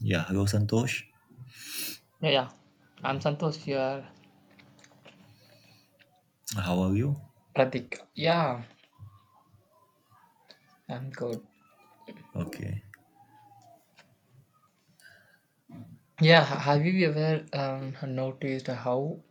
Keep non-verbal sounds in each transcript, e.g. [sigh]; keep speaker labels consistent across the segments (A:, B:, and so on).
A: Yeah, hello, Santosh.
B: Yeah, yeah. I'm Santosh here.
A: How are you?
B: Pratik. Yeah, I'm good.
A: Okay.
B: Yeah, have you ever noticed how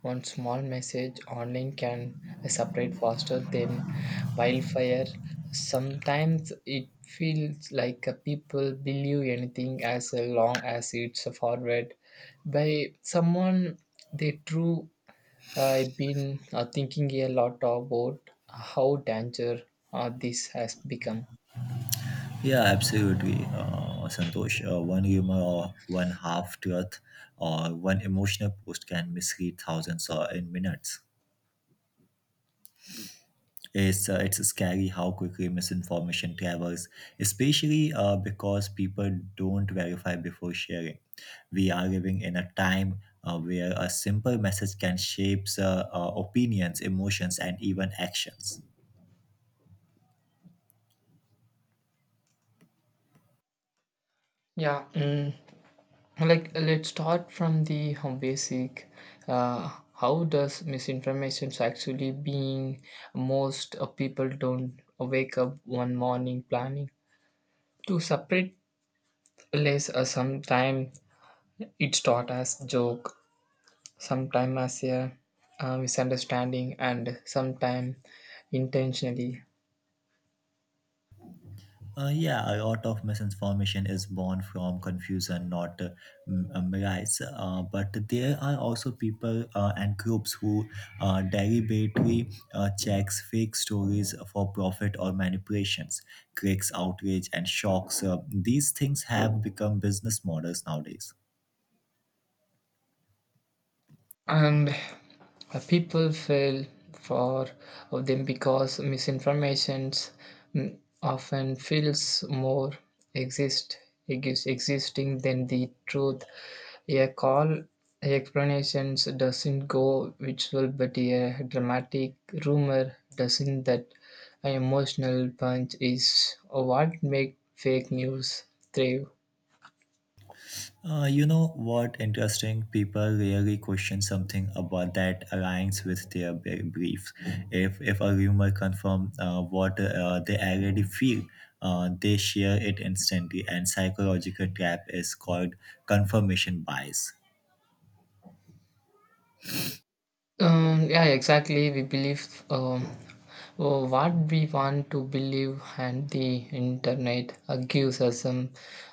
B: one small message online can separate faster than wildfire? Sometimes it feels like people believe anything as long as it's forwarded by someone they true. I've been thinking a lot about how danger this has become.
A: Yeah, absolutely. Santosh, one rumor or one half truth or one emotional post can mislead thousands or in minutes. It's scary how quickly misinformation travels, especially because people don't verify before sharing. We are living in a time where a simple message can shape opinions, emotions, and even actions.
B: Yeah, like let's start from the home basic. How does misinformation actually being most people don't wake up one morning planning to separate less sometime it's taught as joke, sometime as a misunderstanding, and sometime intentionally.
A: Yeah, a lot of misinformation is born from confusion, not malice. But there are also people and groups who deliberately checks fake stories for profit or manipulations, clicks, outrage, and shocks. These things have become business models nowadays.
B: And people fell for them because misinformation often feels more exist existing than the truth. A call explanations doesn't go visual, but a dramatic rumor doesn't that. An emotional punch is what make fake news thrive.
A: You know what interesting? People rarely question something about that aligns with their beliefs. If a rumor confirms what they already feel, they share it instantly. And psychological trap is called confirmation bias.
B: Yeah, exactly. We believe what we want to believe, and the internet gives us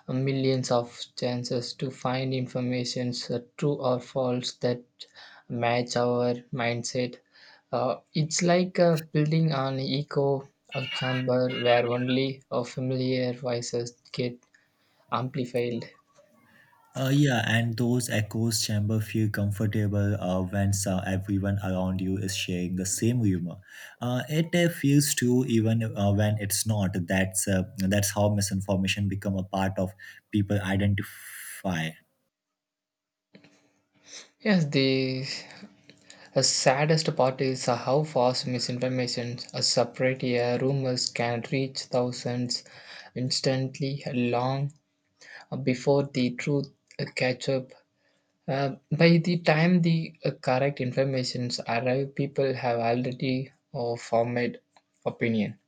B: millions of chances to find information, true or false, that match our mindset. It's like building an echo, a chamber where only familiar voices get amplified.
A: Yeah, and those echoes chamber feel comfortable when so everyone around you is sharing the same humor. It feels true even when it's not. That's how misinformation become a part of people identify.
B: Yes, the saddest part is how fast misinformation, a separate rumors can reach thousands instantly, long before the truth catch up. By the time the correct informations arrive, people have already formed opinion.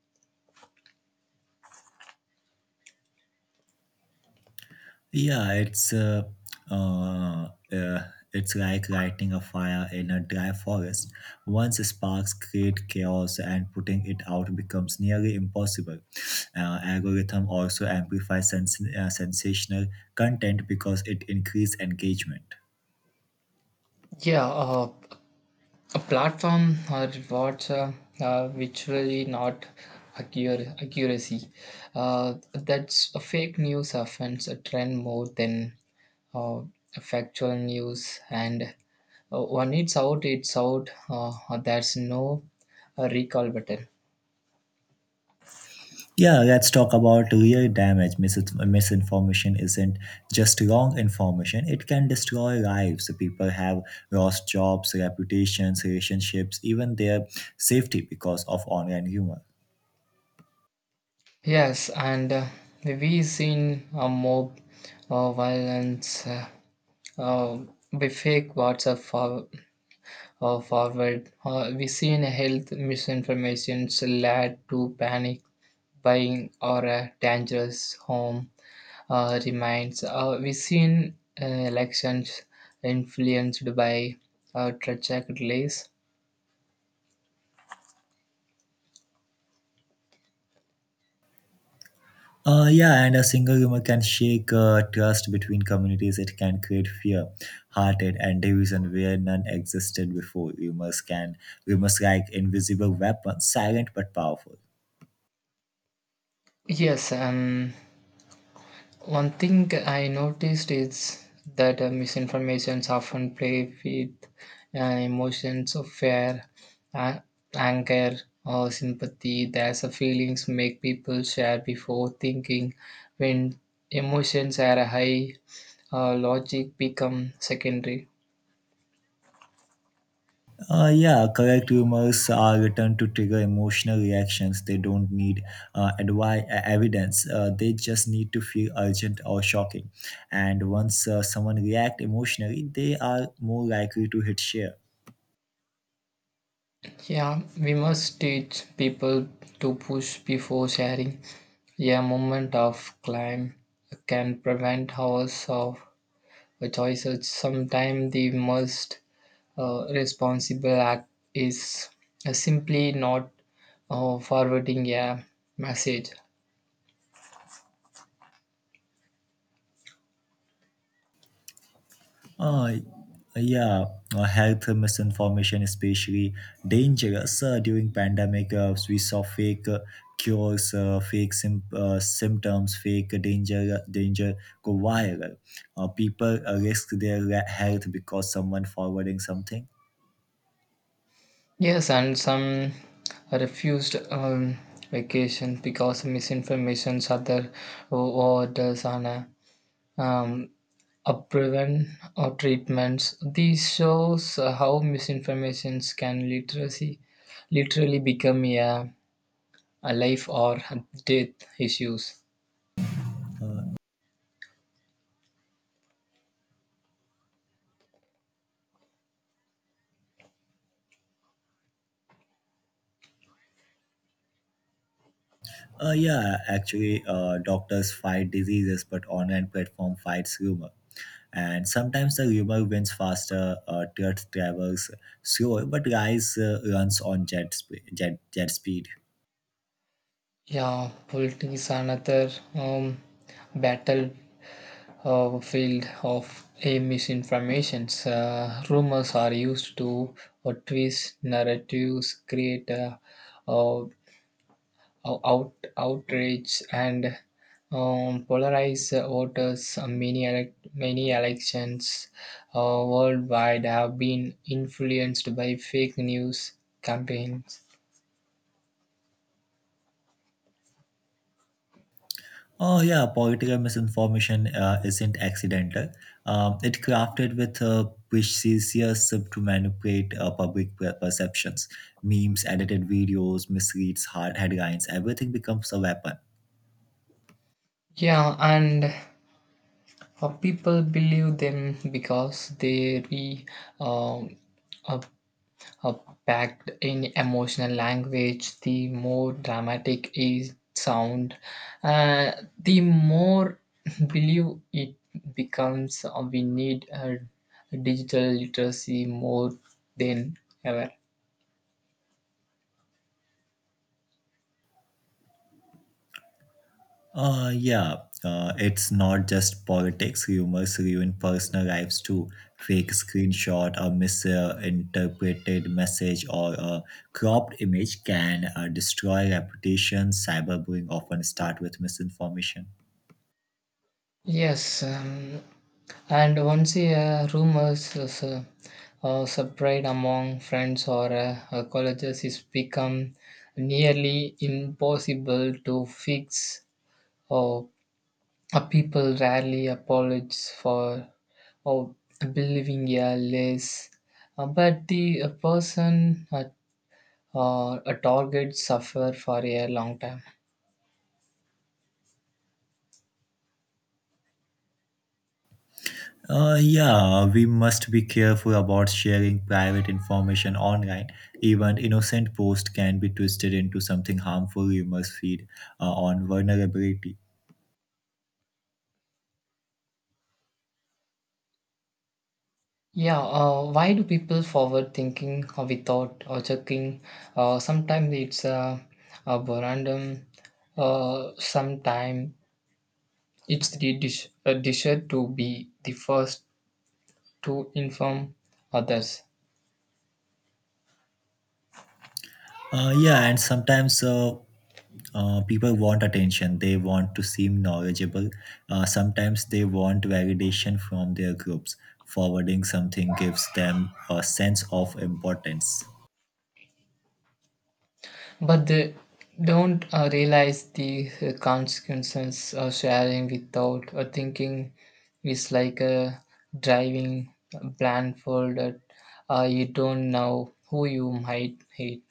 A: Yeah, uh, uh, it's like lighting a fire in a dry forest. Once sparks create chaos, and putting it out becomes nearly impossible. Algorithm also amplifies sensational content because it increases engagement.
B: Yeah, a platform or rewards virtually not accuracy. That's a fake news offense, a trend more than uh, factual news, and when it's out, it's out. There's no recall button.
A: Yeah, let's talk about real damage. Misinformation isn't just wrong information, it can destroy lives. People have lost jobs, reputations, relationships, even their safety because of online humor.
B: Yes, and we've seen a mob violence uh, with fake WhatsApp forward. We seen health misinformations led to panic buying or a dangerous home remains. We seen elections influenced by tragic delays.
A: Yeah, and a single rumor can shake trust between communities. It can create fear, hearted, and division where none existed before. Rumors like invisible weapons, silent but powerful.
B: Yes, one thing I noticed is that misinformations often play with emotions of fear, a- anger, or sympathy. There's a feelings make people share before thinking. When emotions are high, logic become secondary.
A: Yeah, correct rumors are written to trigger emotional reactions. They don't need evidence. They just need to feel urgent or shocking. And once someone react emotionally, they are more likely to hit share.
B: Yeah, we must teach people to push before sharing. A moment of climb can prevent hours of a choice. Sometimes the most responsible act is simply not forwarding a message.
A: Uh, yeah, health misinformation especially dangerous during pandemic. We saw fake cures, fake symptoms, fake danger go viral. People risk their health because someone forwarding something.
B: Yes, and some refused vacation because misinformation, other orders, and um, upbreven or treatments. This shows how misinformations can literacy literally become a life or death issues.
A: Yeah, actually, doctors fight diseases, but online platform fights rumor. And sometimes the rumor wins faster, truth travels slower, but lies runs on jet speed.
B: Yeah, politics is another battle field of a misinformations. Rumors are used to twist narratives, create uh, outrage, and polarize voters. Many elections uh, worldwide have been influenced by fake news campaigns.
A: Oh yeah, political misinformation isn't accidental. It crafted with precision to manipulate public perceptions. Memes, edited videos, misleads, hard headlines, everything becomes a weapon.
B: Yeah, and people believe them because they re um, uh, uh, packed in emotional language. The more dramatic is sound, uh, the more [laughs] believe it becomes. We need digital literacy more than ever.
A: Yeah, it's not just politics. Rumors ruin personal lives too. Fake screenshot, a misinterpreted message, or a cropped image can destroy reputation. Cyberbullying often start with misinformation.
B: Yes. And once a rumor is spread among friends or colleges, it's become nearly impossible to fix. Or People rarely apologize for or believing a less. But the person a target suffer for a long time.
A: Yeah, we must be careful about sharing private information online. Even innocent post can be twisted into something harmful. Rumors feed on vulnerability.
B: Yeah, why do people forward thinking or without or checking? Sometimes it's a random, sometimes it's the a desire to be the first to inform others.
A: Yeah, and sometimes people want attention, they want to seem knowledgeable, sometimes they want validation from their groups, forwarding something gives them a sense of importance.
B: But they don't realize the consequences of sharing without thinking is like driving blindfolded. You don't know who you might hate.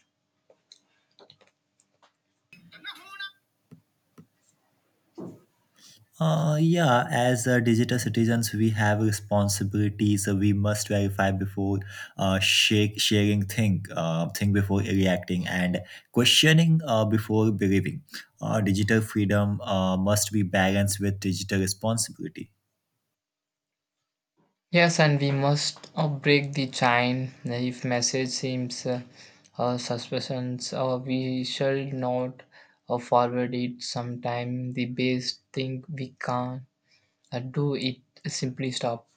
A: Yeah, as digital citizens we have responsibilities. Uh, we must verify before sharing, think before reacting, and questioning before believing. Digital freedom must be balanced with digital responsibility.
B: Yes, and we must break the chain. If message seems suspicious, we shall not forward it. Sometime the best thing we can do it simply stop.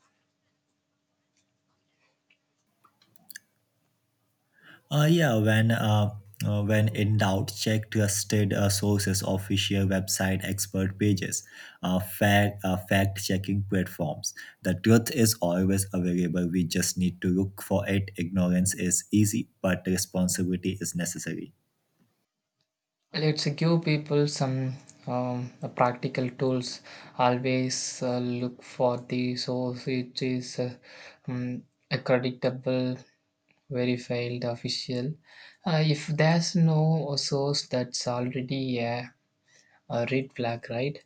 A: Yeah, when in doubt, check trusted sources, official website, expert pages, fact checking platforms. The truth is always available. We just need to look for it. Ignorance is easy, but responsibility is necessary.
B: Let's give people some practical tools. Always look for the source, which is um, credible, verified, official. If there's no source, that's already a red flag, right?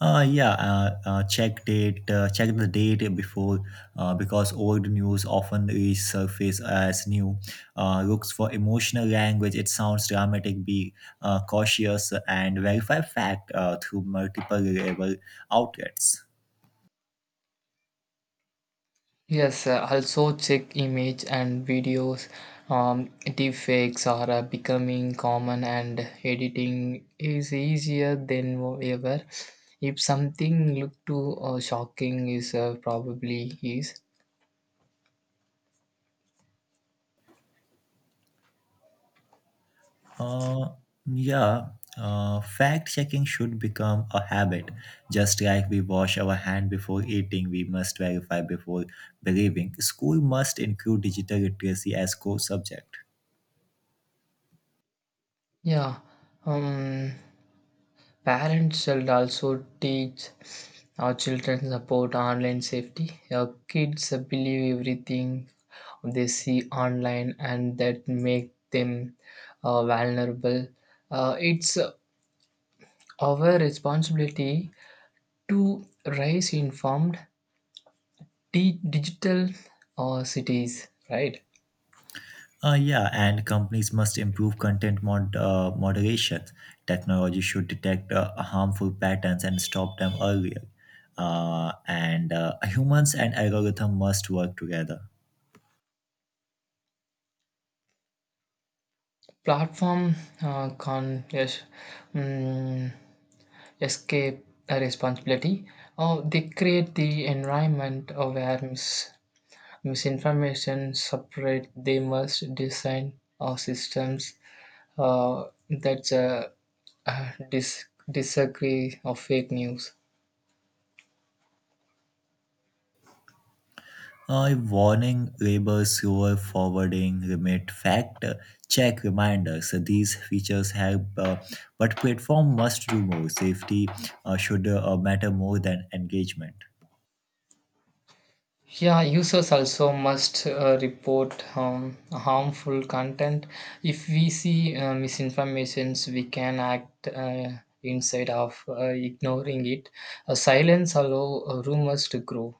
A: Yeah, check the date before, because old news often resurface as new. Looks for emotional language. It sounds dramatic. Be cautious and verify fact through multiple level outlets.
B: Yes, also check image and videos. Deepfakes are becoming common, and editing is easier than ever. If something look too shocking is probably is.
A: Uh, yeah, fact checking should become a habit. Just like we wash our hand before eating, we must verify before believing. School must include digital literacy as core subject.
B: Yeah. Um, Parents should also teach our children about online safety. Our kids believe everything they see online, and that make them vulnerable. It's our responsibility to raise informed digital cities, right?
A: Yeah, and companies must improve content moderation. Technology should detect harmful patterns and stop them earlier. And humans and algorithm must work together.
B: Platform con yes. mm, Escape a responsibility, or they create the environment where misinformation separate. They must design our systems that uh, dis- disagree of fake news.
A: Warning labels, slower forwarding, remit fact check reminders. These features help, but platform must do more. Safety should matter more than engagement.
B: Yeah, users also must report harmful content. If we see misinformations, we can act instead of ignoring it. Silence allow rumors to grow.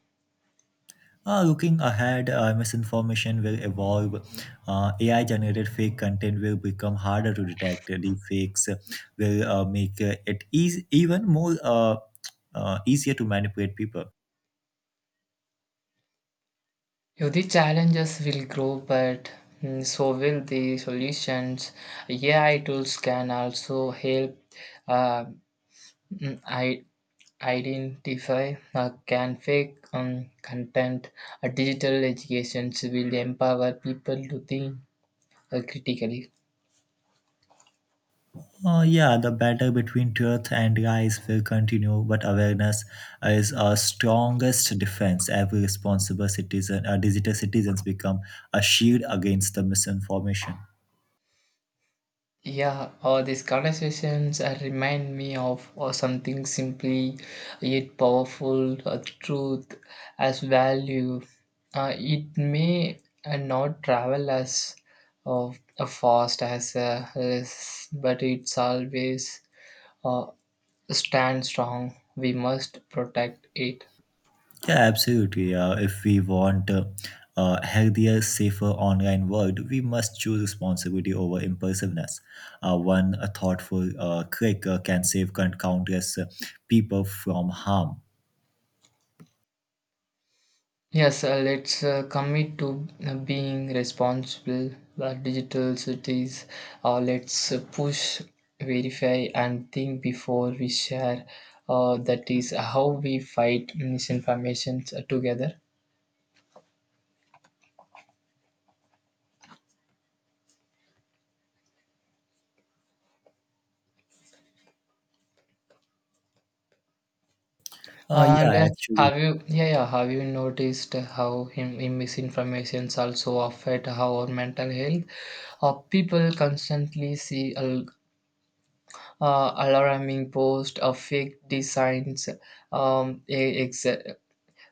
A: Looking ahead, misinformation will evolve. AI generated fake content will become harder to detect. Deep fakes will make it eas even more easier to manipulate people.
B: Yeah, the challenges will grow, but so will the solutions. AI tools can also help uh, I identify can fake content. Digital educations will empower people to think critically.
A: Yeah, the battle between truth and lies will continue, but awareness is our strongest defense. Every responsible citizen, digital citizens, become a shield against the misinformation.
B: Yeah, these conversations remind me of something simply yet powerful truth as value. It may not travel as uh, fast as less, but it's always uh, stand strong. We must protect it.
A: Yeah, absolutely. If we want a healthier, safer online world, we must choose responsibility over impulsiveness. One a thoughtful click can save countless people from harm.
B: Yes, let's commit to being responsible digital cities. Let's push, verify, and think before we share. That is how we fight misinformation together.
A: Uh,
B: And
A: yeah, actually.
B: yeah, yeah, have you noticed how him misinformations also affect how our mental health? People constantly see alarming post of fake designs, um, e- exa-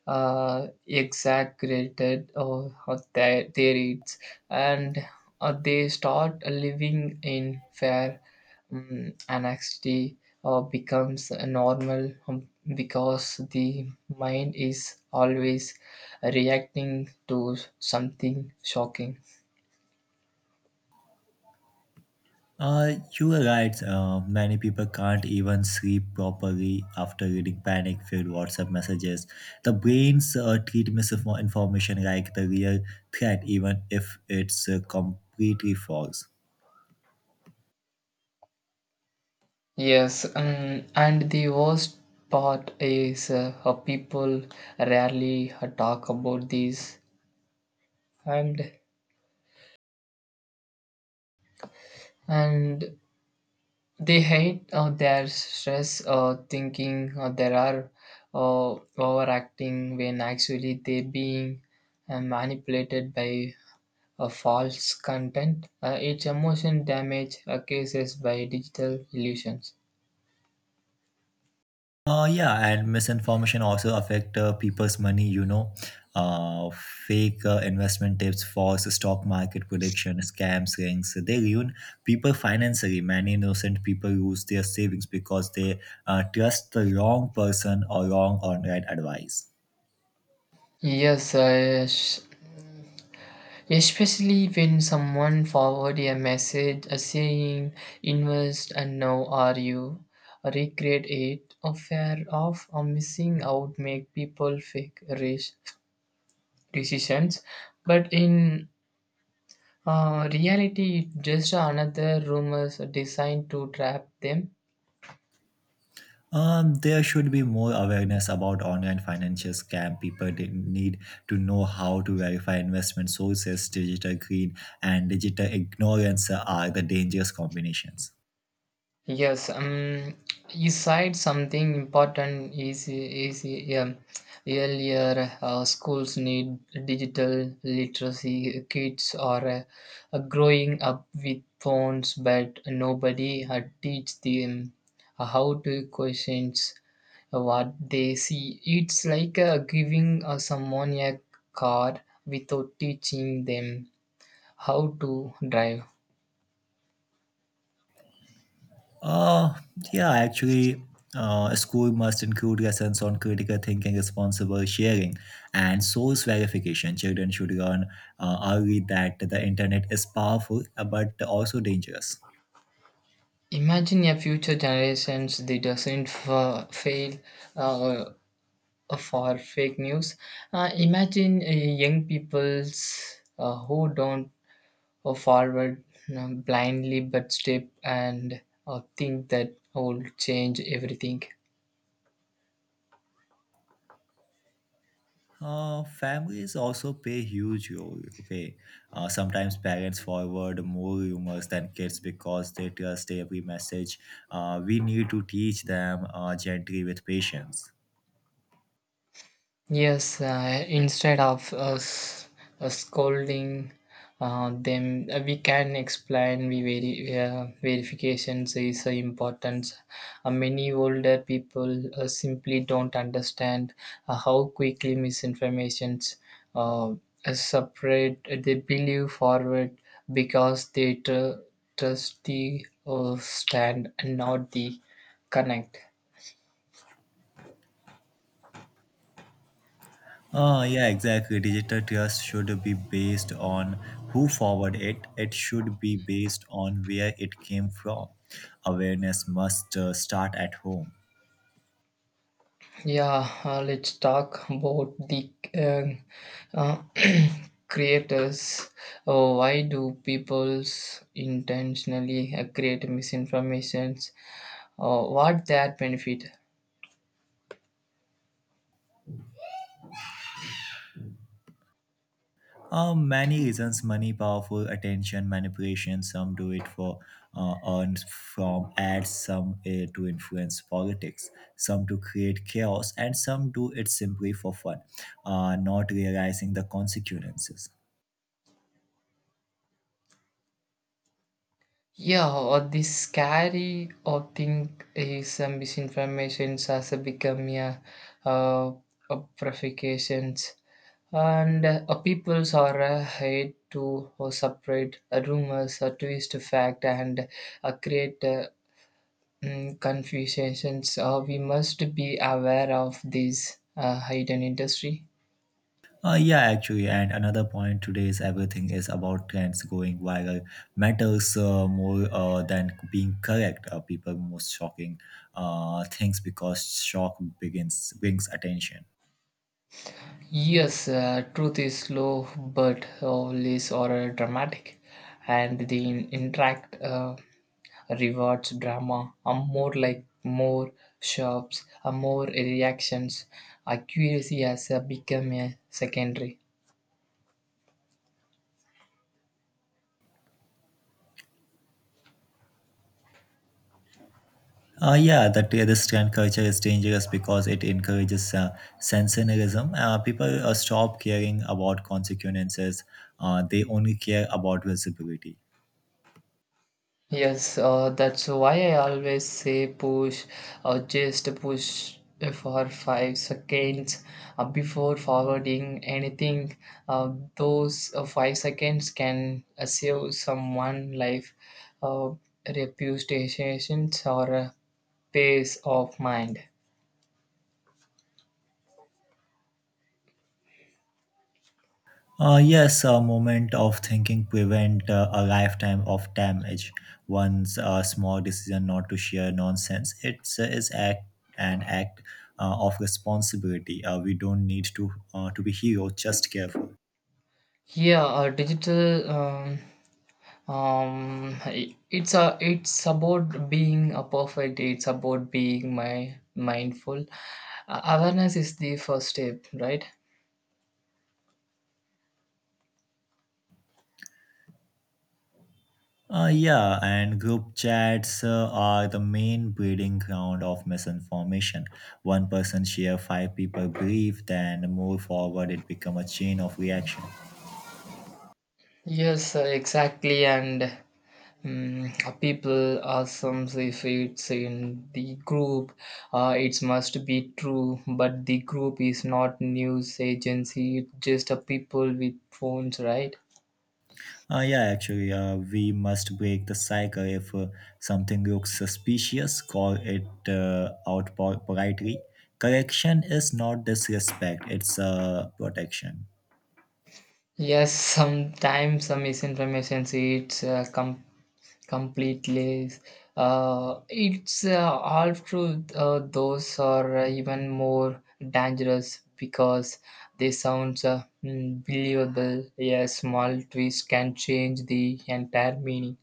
B: exaggerated or their needs, and they start living in fear. Anxiety becomes normal, because the mind is always reacting to something shocking.
A: You are right. Many people can't even sleep properly after reading panic filled WhatsApp messages. The brains treat misinformation like the real threat, even if it's completely false.
B: Yes, and the worst part is, people rarely talk about these, and and they hate their stress, thinking there are overacting when actually they being manipulated by false content. It's emotion damage cases by digital illusions.
A: Yeah, and misinformation also affect people's money. Uh, Fake investment tips, false stock market prediction, scams, rings. They ruin people financially. Many innocent people lose their savings because they trust the wrong person or wrong online advice.
B: Yes, especially when someone forward a message saying invest and now are you regret it, or fear of or missing out make people fake rash decisions, but in reality it's just another rumors designed to trap them.
A: There should be more awareness about online financial scam. People need to know how to verify investment sources. Digital greed and digital ignorance are the dangerous combinations.
B: Yes, you said something important is um, earlier. Schools need digital literacy. Kids are growing up with phones, but nobody teach them how to questions what they see. It's like giving someone a car without teaching them how to drive.
A: Uh, yeah, actually, a school must include lessons on critical thinking, responsible sharing, and source verification. Children should learn early that the internet is powerful but also dangerous.
B: Imagine a future generations that doesn't fail uh, for fake news. Imagine young peoples who don't forward blindly but step and think that will change everything.
A: Families also play a huge role. Okay, sometimes parents forward more rumors than kids because they trust every message. We need to teach them gently with patience.
B: Yes, instead of us scolding them, we can explain we verifications is important. Many older people simply don't understand how quickly misinformations uh, separate. They believe forward because they trust the stand and not the connect.
A: Yeah, exactly. Digital trust should be based on who forwarded it. It should be based on where it came from. Awareness must start at home.
B: Yeah, let's talk about the uh, [clears throat] creators. Why do people intentionally create misinformations? What that benefit?
A: Many reasons money, powerful attention, manipulation. Some do it for earned from ads, some to influence politics, some to create chaos, and some do it simply for fun, not realizing the consequences.
B: Yeah, or the scary or thing is, misinformations has become, yeah, uh, provocations, and peoples are hate to separate rumors, twist fact, and create. Confusions. We must be aware of this hidden industry.
A: Yeah, actually, and another point today is everything is about trends going viral. Matters more than being correct. People most shocking things because shock begins brings attention.
B: Yes, truth is slow but always or dramatic, and the interact rewards drama. A more like more shops, a more reactions. Accuracy has become a secondary.
A: Yeah, that this trend culture is dangerous because it encourages sensationalism. People stop caring about consequences. They only care about visibility.
B: Yes, that's why I always say push or just push for 5 seconds before forwarding anything. Those 5 seconds can save someone life, uh, reputations, or peace of mind.
A: Yes, a moment of thinking prevent a lifetime of damage. One's small decision not to share nonsense. It's is act an act of responsibility. We don't need to be hero, just careful.
B: Yeah, digital. It's a it's about being a perfect, it's about being my mindful. Awareness is the first step, right?
A: Yeah, and group chats are the main breeding ground of misinformation. One person share, five people believe, then move forward. It become a chain of reaction.
B: Yes, exactly. And um, people assumes if it's in the group, it must be true, but the group is not news agency, it's just a people with phones, right?
A: Yeah, actually, we must break the cycle. If something looks suspicious, call it out politely. Correction is not disrespect, it's protection.
B: Yes, sometimes some misinformation, it's completely it's half truth. Those are even more dangerous because they sound believable. A small twist can change the entire meaning.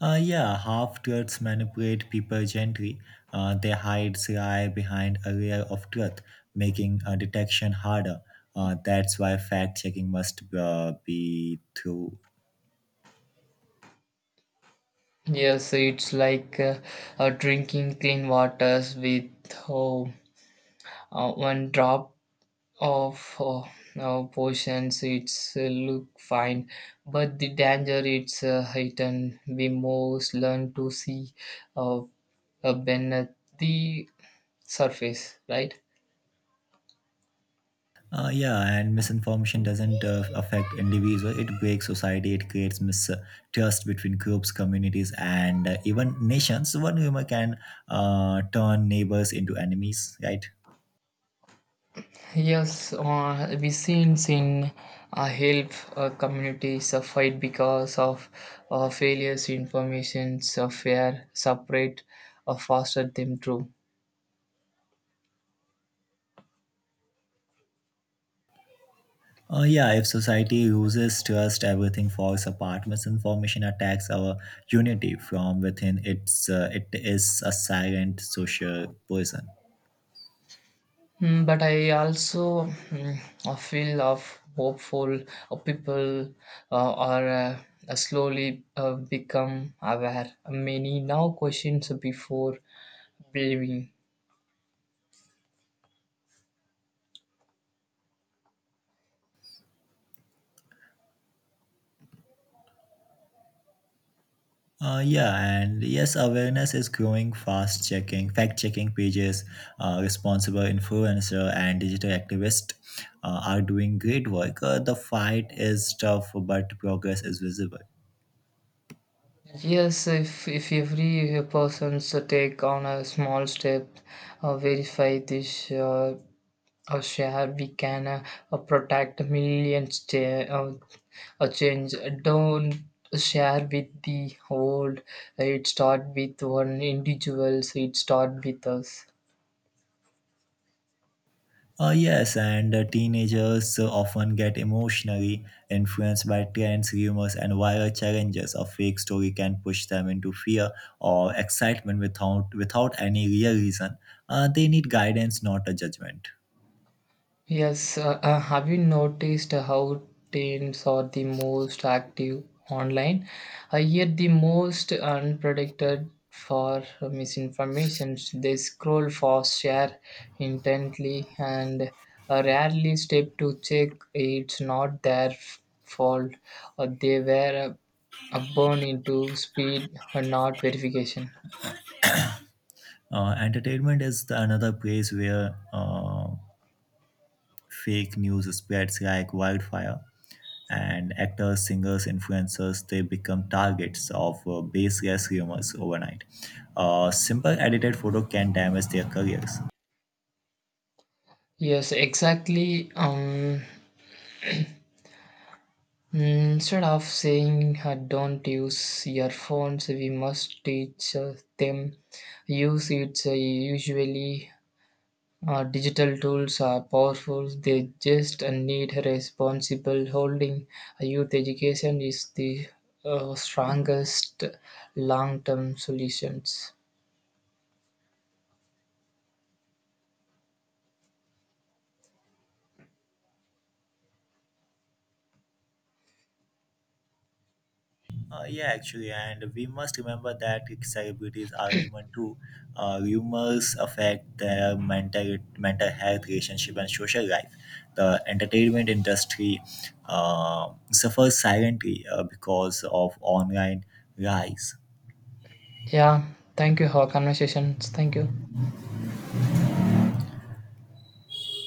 A: Yeah, half truths manipulate people gently. They hide lie behind a layer of truth, making detection harder. That's why fact checking must be through.
B: Yes, it's like drinking clean waters with, oh, one drop of potions. It's look fine but the danger it's heightened. We most learn to see uh, beneath the surface, right?
A: Yeah, and misinformation doesn't affect individuals. It breaks society. It creates mistrust between groups, communities, and even nations. One rumor can turn neighbors into enemies, right?
B: Yes, we seen in help communities fight because of failures informations of fear separate or foster them through.
A: Yeah, if society loses trust, everything falls apart. Misinformation attacks our unity from within. It is a silent social poison.
B: But I also I feel of hopeful, people are slowly become aware. Many now questions before believing.
A: Yeah, and yes, awareness is growing fast. Checking, fact checking pages, responsible influencer, and digital activists are doing great work. The fight is tough, but progress is visible.
B: Yes, if every person take on a small step, verify this, share, we can protect millions, change, don't share with the whole. It start with one individuals, it start with us.
A: Yes, and teenagers often get emotionally influenced by trends, rumors, and viral challenges. A fake story can push them into fear or excitement without any real reason. They need guidance, not a judgment.
B: Yes, have you noticed how teens are the most active online, yet the most unpredicted for misinformation? They scroll fast, share intently, and rarely step to check. It's not their fault or they were born into speed or not verification.
A: Entertainment is the another place where fake news spreads like wildfire, and actors, singers, influencers they become targets of baseless rumors overnight. A simple edited photo can damage their careers.
B: Yes, exactly. Instead of saying don't use your phones, we must teach them use it. Usually, digital tools are powerful. They just need responsible holding. Youth education is the strongest long-term solutions.
A: Yeah, actually, and we must remember that celebrities are human too. Rumors affect their mental health, relationship, and social life. The entertainment industry suffers silently because of online lies.
B: Yeah, thank you for conversations. Thank you.